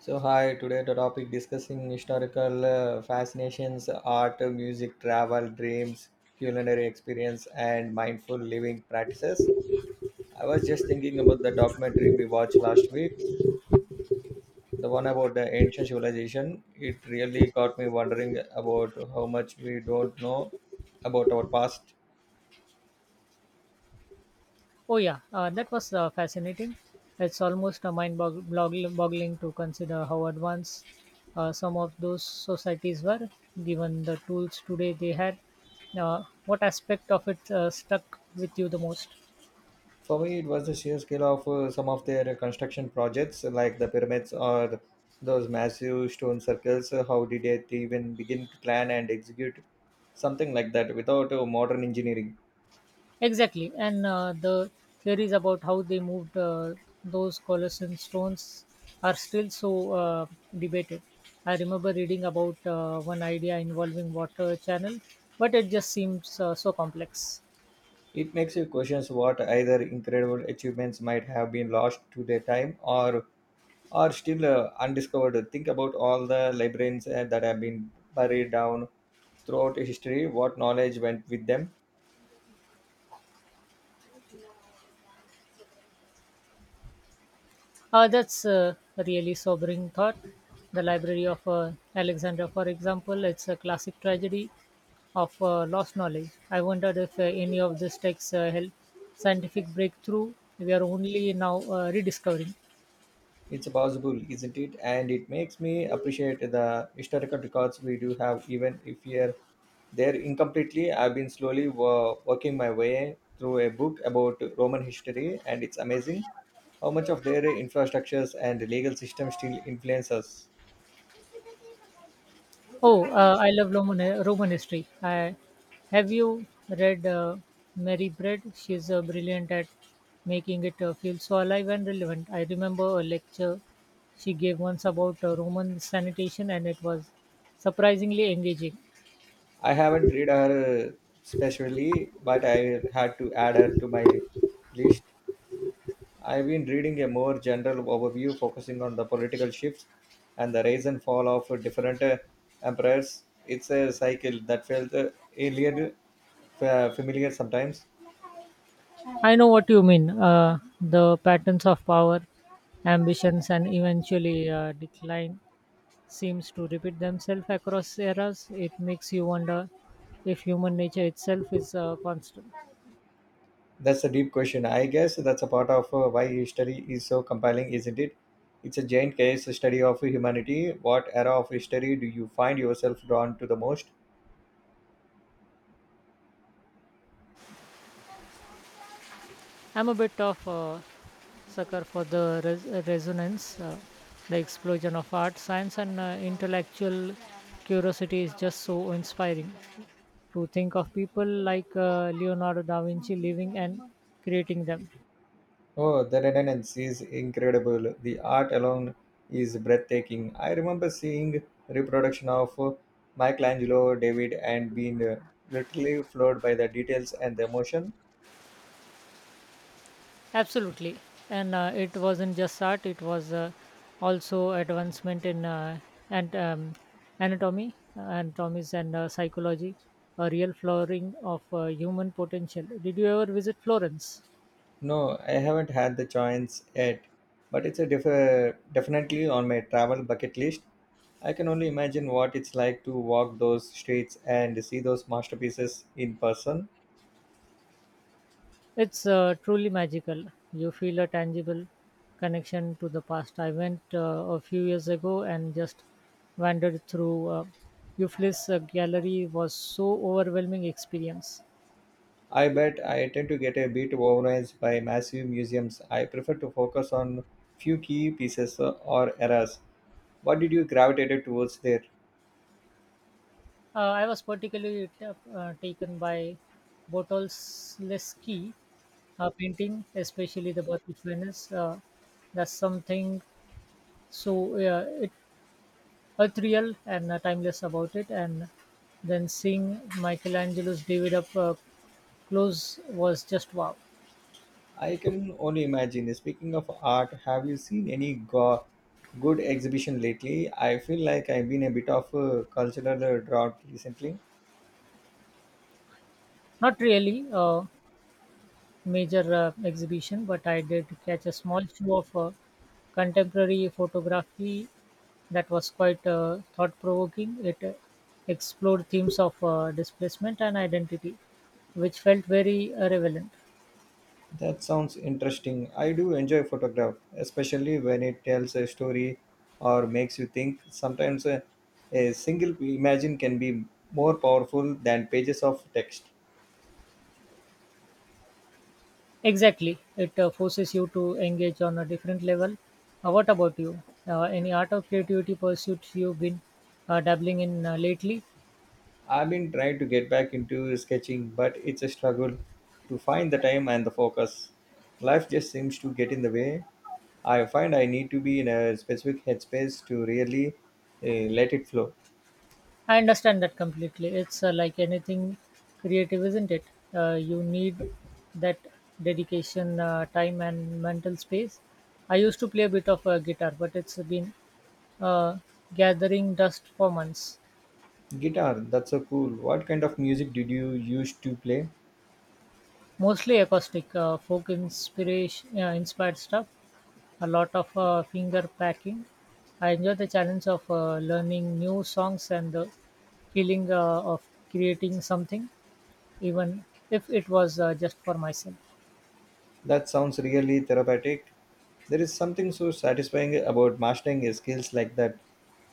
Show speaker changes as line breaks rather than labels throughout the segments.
So hi, today the topic discussing historical fascinations, art, music, travel, dreams, culinary experience, and mindful living practices. I was just thinking about the documentary we watched last week, the one about the ancient civilization. It really got me wondering about how much we don't know about our past.
Oh yeah, that was fascinating. It's almost mind-boggling to consider how advanced, some of those societies were, given the tools today they had. What aspect of it stuck with you the most?
For me, it was the sheer scale of some of their construction projects, like the pyramids or those massive stone circles. How did they even begin to plan and execute something like that without modern engineering.
Exactly, and the theories about how they moved, those Colossian stones are still so, debated. I remember reading about one idea involving water channel, but it just seems so complex.
It makes you question what either incredible achievements might have been lost to their time or are still undiscovered. Think about all the librarians that have been buried down throughout history. What knowledge went with them?
That's a really sobering thought. The Library of Alexander, for example, it's a classic tragedy of lost knowledge. I wondered if any of these texts help scientific breakthrough we are only now rediscovering.
It's possible, isn't it? And it makes me appreciate the historical records we do have, even if you're there incompletely. I've been slowly working my way through a book about Roman history, and it's amazing how much of their infrastructures and legal system still influence us.
Oh, I love Roman history. I, have you read Mary Bread? She's brilliant at making it feel so alive and relevant. I remember a lecture she gave once about Roman sanitation, and it was surprisingly engaging.
I haven't read her specially, but I had to add her to my list. I've been reading a more general overview focusing on the political shifts and the rise and fall of different empires. It's a cycle that felt alien, familiar sometimes.
I know what you mean, the patterns of power, ambitions, and eventually decline seems to repeat themselves across eras. It makes you wonder if human nature itself is constant.
That's a deep question. I guess that's a part of why history is so compelling, isn't it? It's a giant case study of humanity. What era of history do you find yourself drawn to the most?
I'm a bit of a sucker for the resonance, the explosion of art, science, and intellectual curiosity is just so inspiring. To think of people like Leonardo da Vinci living and creating them.
Oh, the Renaissance is incredible. The art alone is breathtaking. I remember seeing reproduction of Michelangelo, David, and being literally floored by the details and the emotion.
Absolutely. And it wasn't just art, it was, also advancement in and anatomy, anatomies, and psychology, a real flowering of human potential. Did you ever visit Florence?
No, I haven't had the chance yet, but it's a definitely on my travel bucket list. I can only imagine what it's like to walk those streets and see those masterpieces in person.
It's truly magical. You feel a tangible connection to the past. I went a few years ago and just wandered through, Euclid's gallery was so overwhelming experience.
I bet. I tend to get a bit overwhelmed by massive museums. I prefer to focus on few key pieces or eras. What did you gravitate towards there?
I was particularly taken by Botolsky painting, especially the Battle of Venice. There's something so, ethereal and timeless about it. And then seeing Michelangelo's David up, Close was just wow.
I can only imagine. Speaking of art, have you seen any good exhibition lately? I feel like I've been a bit of a cultural drought recently.
Not really a major exhibition, but I did catch a small show of contemporary photography that was quite thought provoking. It explored themes of displacement and identity, which felt very relevant.
That sounds interesting. I do enjoy photograph, especially when it tells a story or makes you think. Sometimes a single imagine can be more powerful than pages of text.
Exactly. It forces you to engage on a different level. What about you? Any art or creativity pursuits you've been dabbling in lately?
I've been trying to get back into sketching, but it's a struggle to find the time and the focus. Life just seems to get in the way. I find I need to be in a specific headspace to really let it flow.
I understand that completely. It's like anything creative, isn't it? You need that dedication, time, and mental space. I used to play a bit of guitar, but it's been, uh, gathering dust for months.
Guitar, that's so cool. What kind of music did you used to play?
Mostly acoustic, folk inspired stuff, a lot of finger packing. I enjoy the challenge of learning new songs and the feeling of creating something, even if it was just for myself.
That sounds really therapeutic. There is something so satisfying about mastering a skills like that.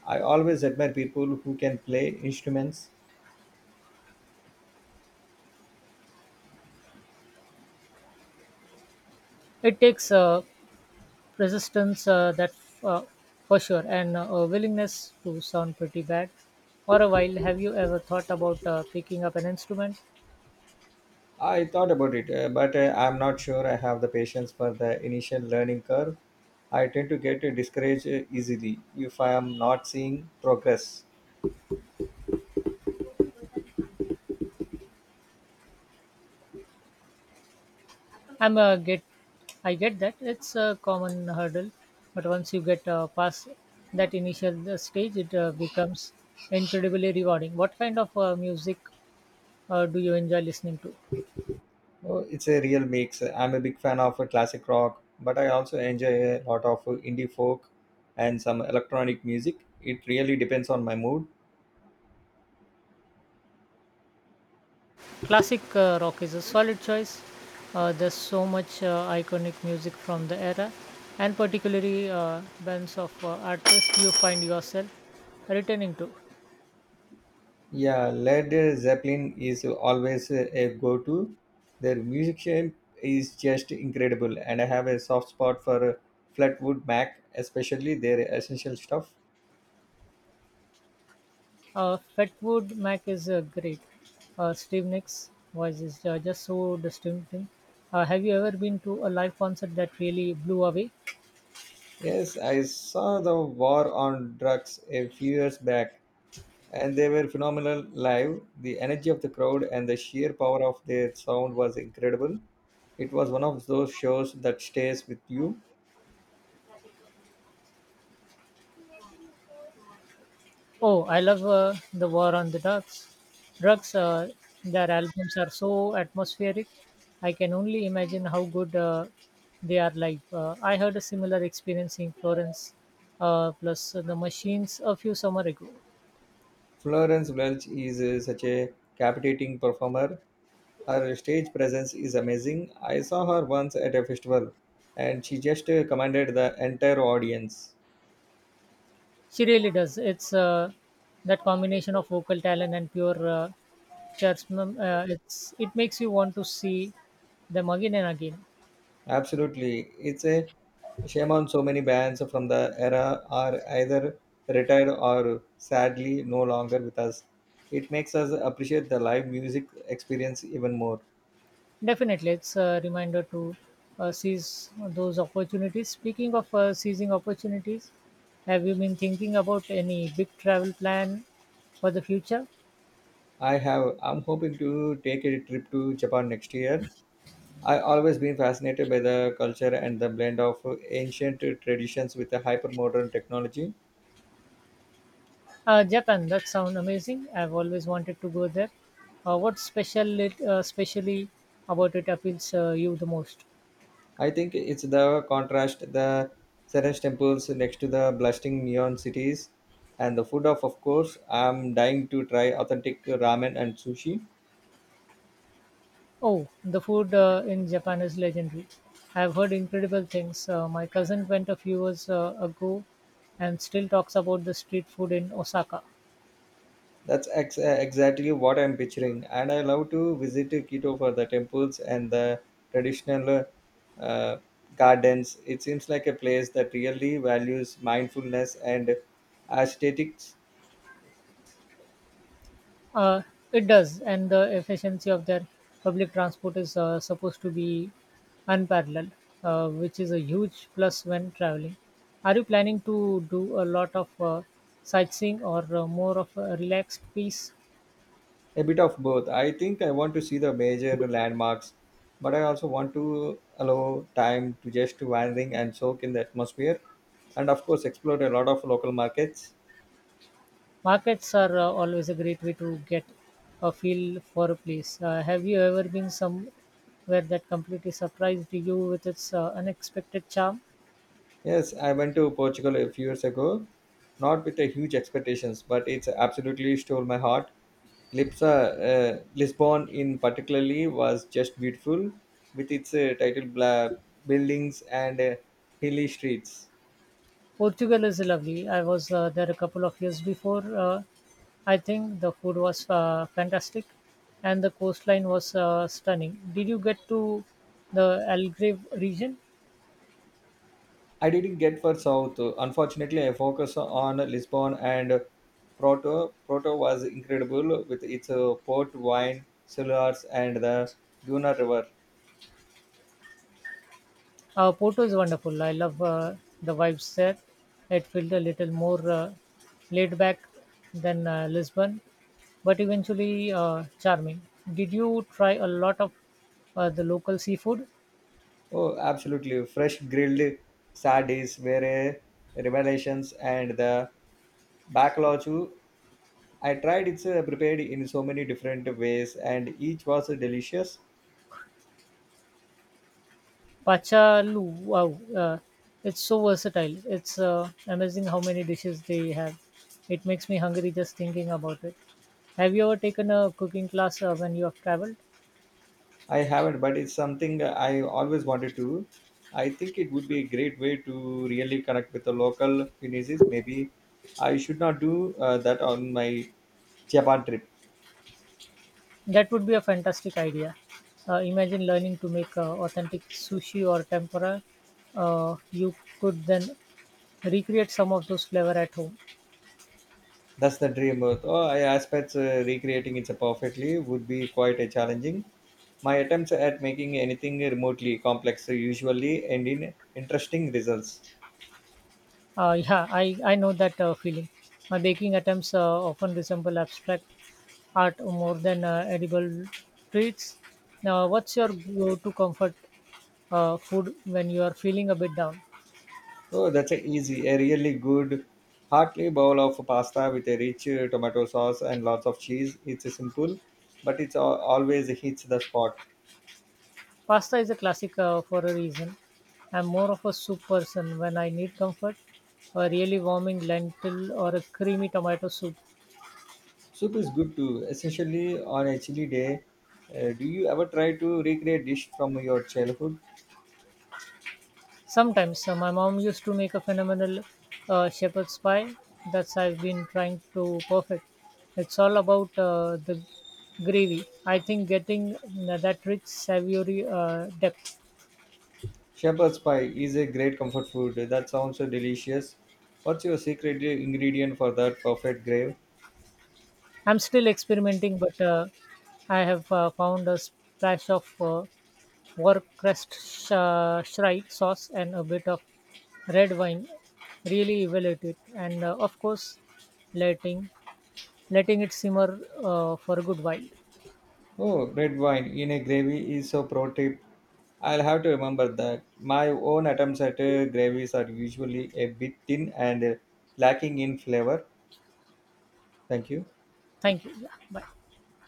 I always admire people who can play instruments.
It takes persistence, that uh, for sure, and a willingness to sound pretty bad for a while. Have you ever thought about picking up an instrument?
I thought about it, but I'm not sure I have the patience for the initial learning curve. I tend to get discouraged easily if I am not seeing progress.
I'm uh, get, I get that it's a common hurdle, but once you get past that initial stage, it becomes incredibly rewarding. What kind of music do you enjoy listening to?
Oh, it's a real mix. I'm a big fan of classic rock, but I also enjoy a lot of indie folk and some electronic music. It really depends on my mood.
Classic rock is a solid choice. There's so much iconic music from the era, and particularly bands of artists you find yourself returning to.
Yeah, Led Zeppelin is always a go to. Their musician is just incredible, and I have a soft spot for Flatwood Mac, especially their essential stuff.
Fatwood Mac is great. Steve Nicks' voice is just so distinctive. Have you ever been to a live concert that really blew away?
Yes, I saw the War on Drugs a few years back, and they were phenomenal live. The energy of the crowd and the sheer power of their sound was incredible. It was one of those shows that stays with you.
Oh, I love the War on the Drugs. Their albums are so atmospheric. I can only imagine how good they are live. I had a similar experience in Florence, plus the Machines a few summer ago.
Florence Welch is such a captivating performer. Her stage presence is amazing. I saw her once at a festival and she just commanded the entire audience.
She really does. It's that combination of vocal talent and pure charisma. It makes you want to see them again and again.
Absolutely. It's a shame on so many bands from the era are either retired or sadly no longer with us. It makes us appreciate the live music experience even more.
Definitely, it's a reminder to seize those opportunities. Speaking of seizing opportunities, have you been thinking about any big travel plan for the future?
I have. I'm hoping to take a trip to Japan next year. I always been fascinated by the culture and the blend of ancient traditions with the hypermodern technology.
Japan, that sounds amazing. I've always wanted to go there. What specially about it appeals you the most?
I think it's the contrast, the serene temples next to the blasting neon cities, and the food of course, I'm dying to try authentic ramen and sushi.
Oh, the food in Japan is legendary. I've heard incredible things. My cousin went a few years ago and still talks about the street food in Osaka.
That's exactly what I'm picturing, and I love to visit Quito for the temples and the traditional uh, gardens. It seems like a place that really values mindfulness and aesthetics.
Uh, it does, and the efficiency of their public transport is supposed to be unparalleled, which is a huge plus when traveling. Are you planning to do a lot of sightseeing or more of a relaxed piece?
A bit of both. I think I want to see the major landmarks, but I also want to allow time to just wandering and soak in the atmosphere, and of course explore a lot of local markets.
Markets are always a great way to get a feel for a place. Have you ever been somewhere that completely surprised you with its unexpected charm?
Yes, I went to Portugal a few years ago, not with a huge expectations, but it's absolutely stole my heart. Lipsa, Lisbon in particularly was just beautiful, with its title buildings and hilly streets.
Portugal is lovely. I was there a couple of years before. I think the food was fantastic, and the coastline was stunning. Did you get to the Algarve region?
I didn't get for South. Unfortunately, I focus on Lisbon and Porto. Porto was incredible with its port wine, cellars, and the Duna River.
Porto is wonderful. I love the vibes there. It felt a little more laid back than Lisbon, but eventually charming. Did you try a lot of the local seafood?
Oh, absolutely. Fresh grilled sardines were a revelations, and the bacalhau too. I tried it's prepared in so many different ways, and each was delicious.
Pachalu, wow, it's so versatile. It's amazing how many dishes they have. It makes me hungry just thinking about it. Have you ever taken a cooking class when you have traveled?
I haven't, but it's something I always wanted to. I think it would be a great way to really connect with the local communities. Maybe I should not do that on my Japan trip.
That would be a fantastic idea. Imagine learning to make authentic sushi or tempura. You could then recreate some of those flavor at home.
That's the dream. Oh, I aspect recreating it perfectly would be quite a challenging. My attempts at making anything remotely complex usually end in interesting results.
Yeah, I know that feeling. My baking attempts often resemble abstract art more than edible treats. Now, what's your go-to comfort food when you are feeling a bit down?
Oh, that's a easy, a really good, hearty bowl of pasta with a rich tomato sauce and lots of cheese. It's a simple, but it's always hits the spot.
Pasta is a classic for a reason. I'm more of a soup person when I need comfort. A really warming lentil or a creamy tomato soup.
Soup is good too, essentially on a chilly day. Do you ever try to recreate dish from your childhood?
Sometimes my mom used to make a phenomenal shepherd's pie that I've been trying to perfect. It's all about the gravy. I think getting that rich savory depth.
Shepherd's pie is a great comfort food. That sounds so delicious. What's your secret ingredient for that perfect gravy?
I'm still experimenting, but I have found a splash of Shri sauce and a bit of red wine really evaluate it, and of course, letting letting it simmer for a good while.
Oh, red wine in a gravy is so pro tip. I'll have to remember that. My own attempts at gravies are usually a bit thin and lacking in flavor. Thank you.
Thank you. Yeah, bye.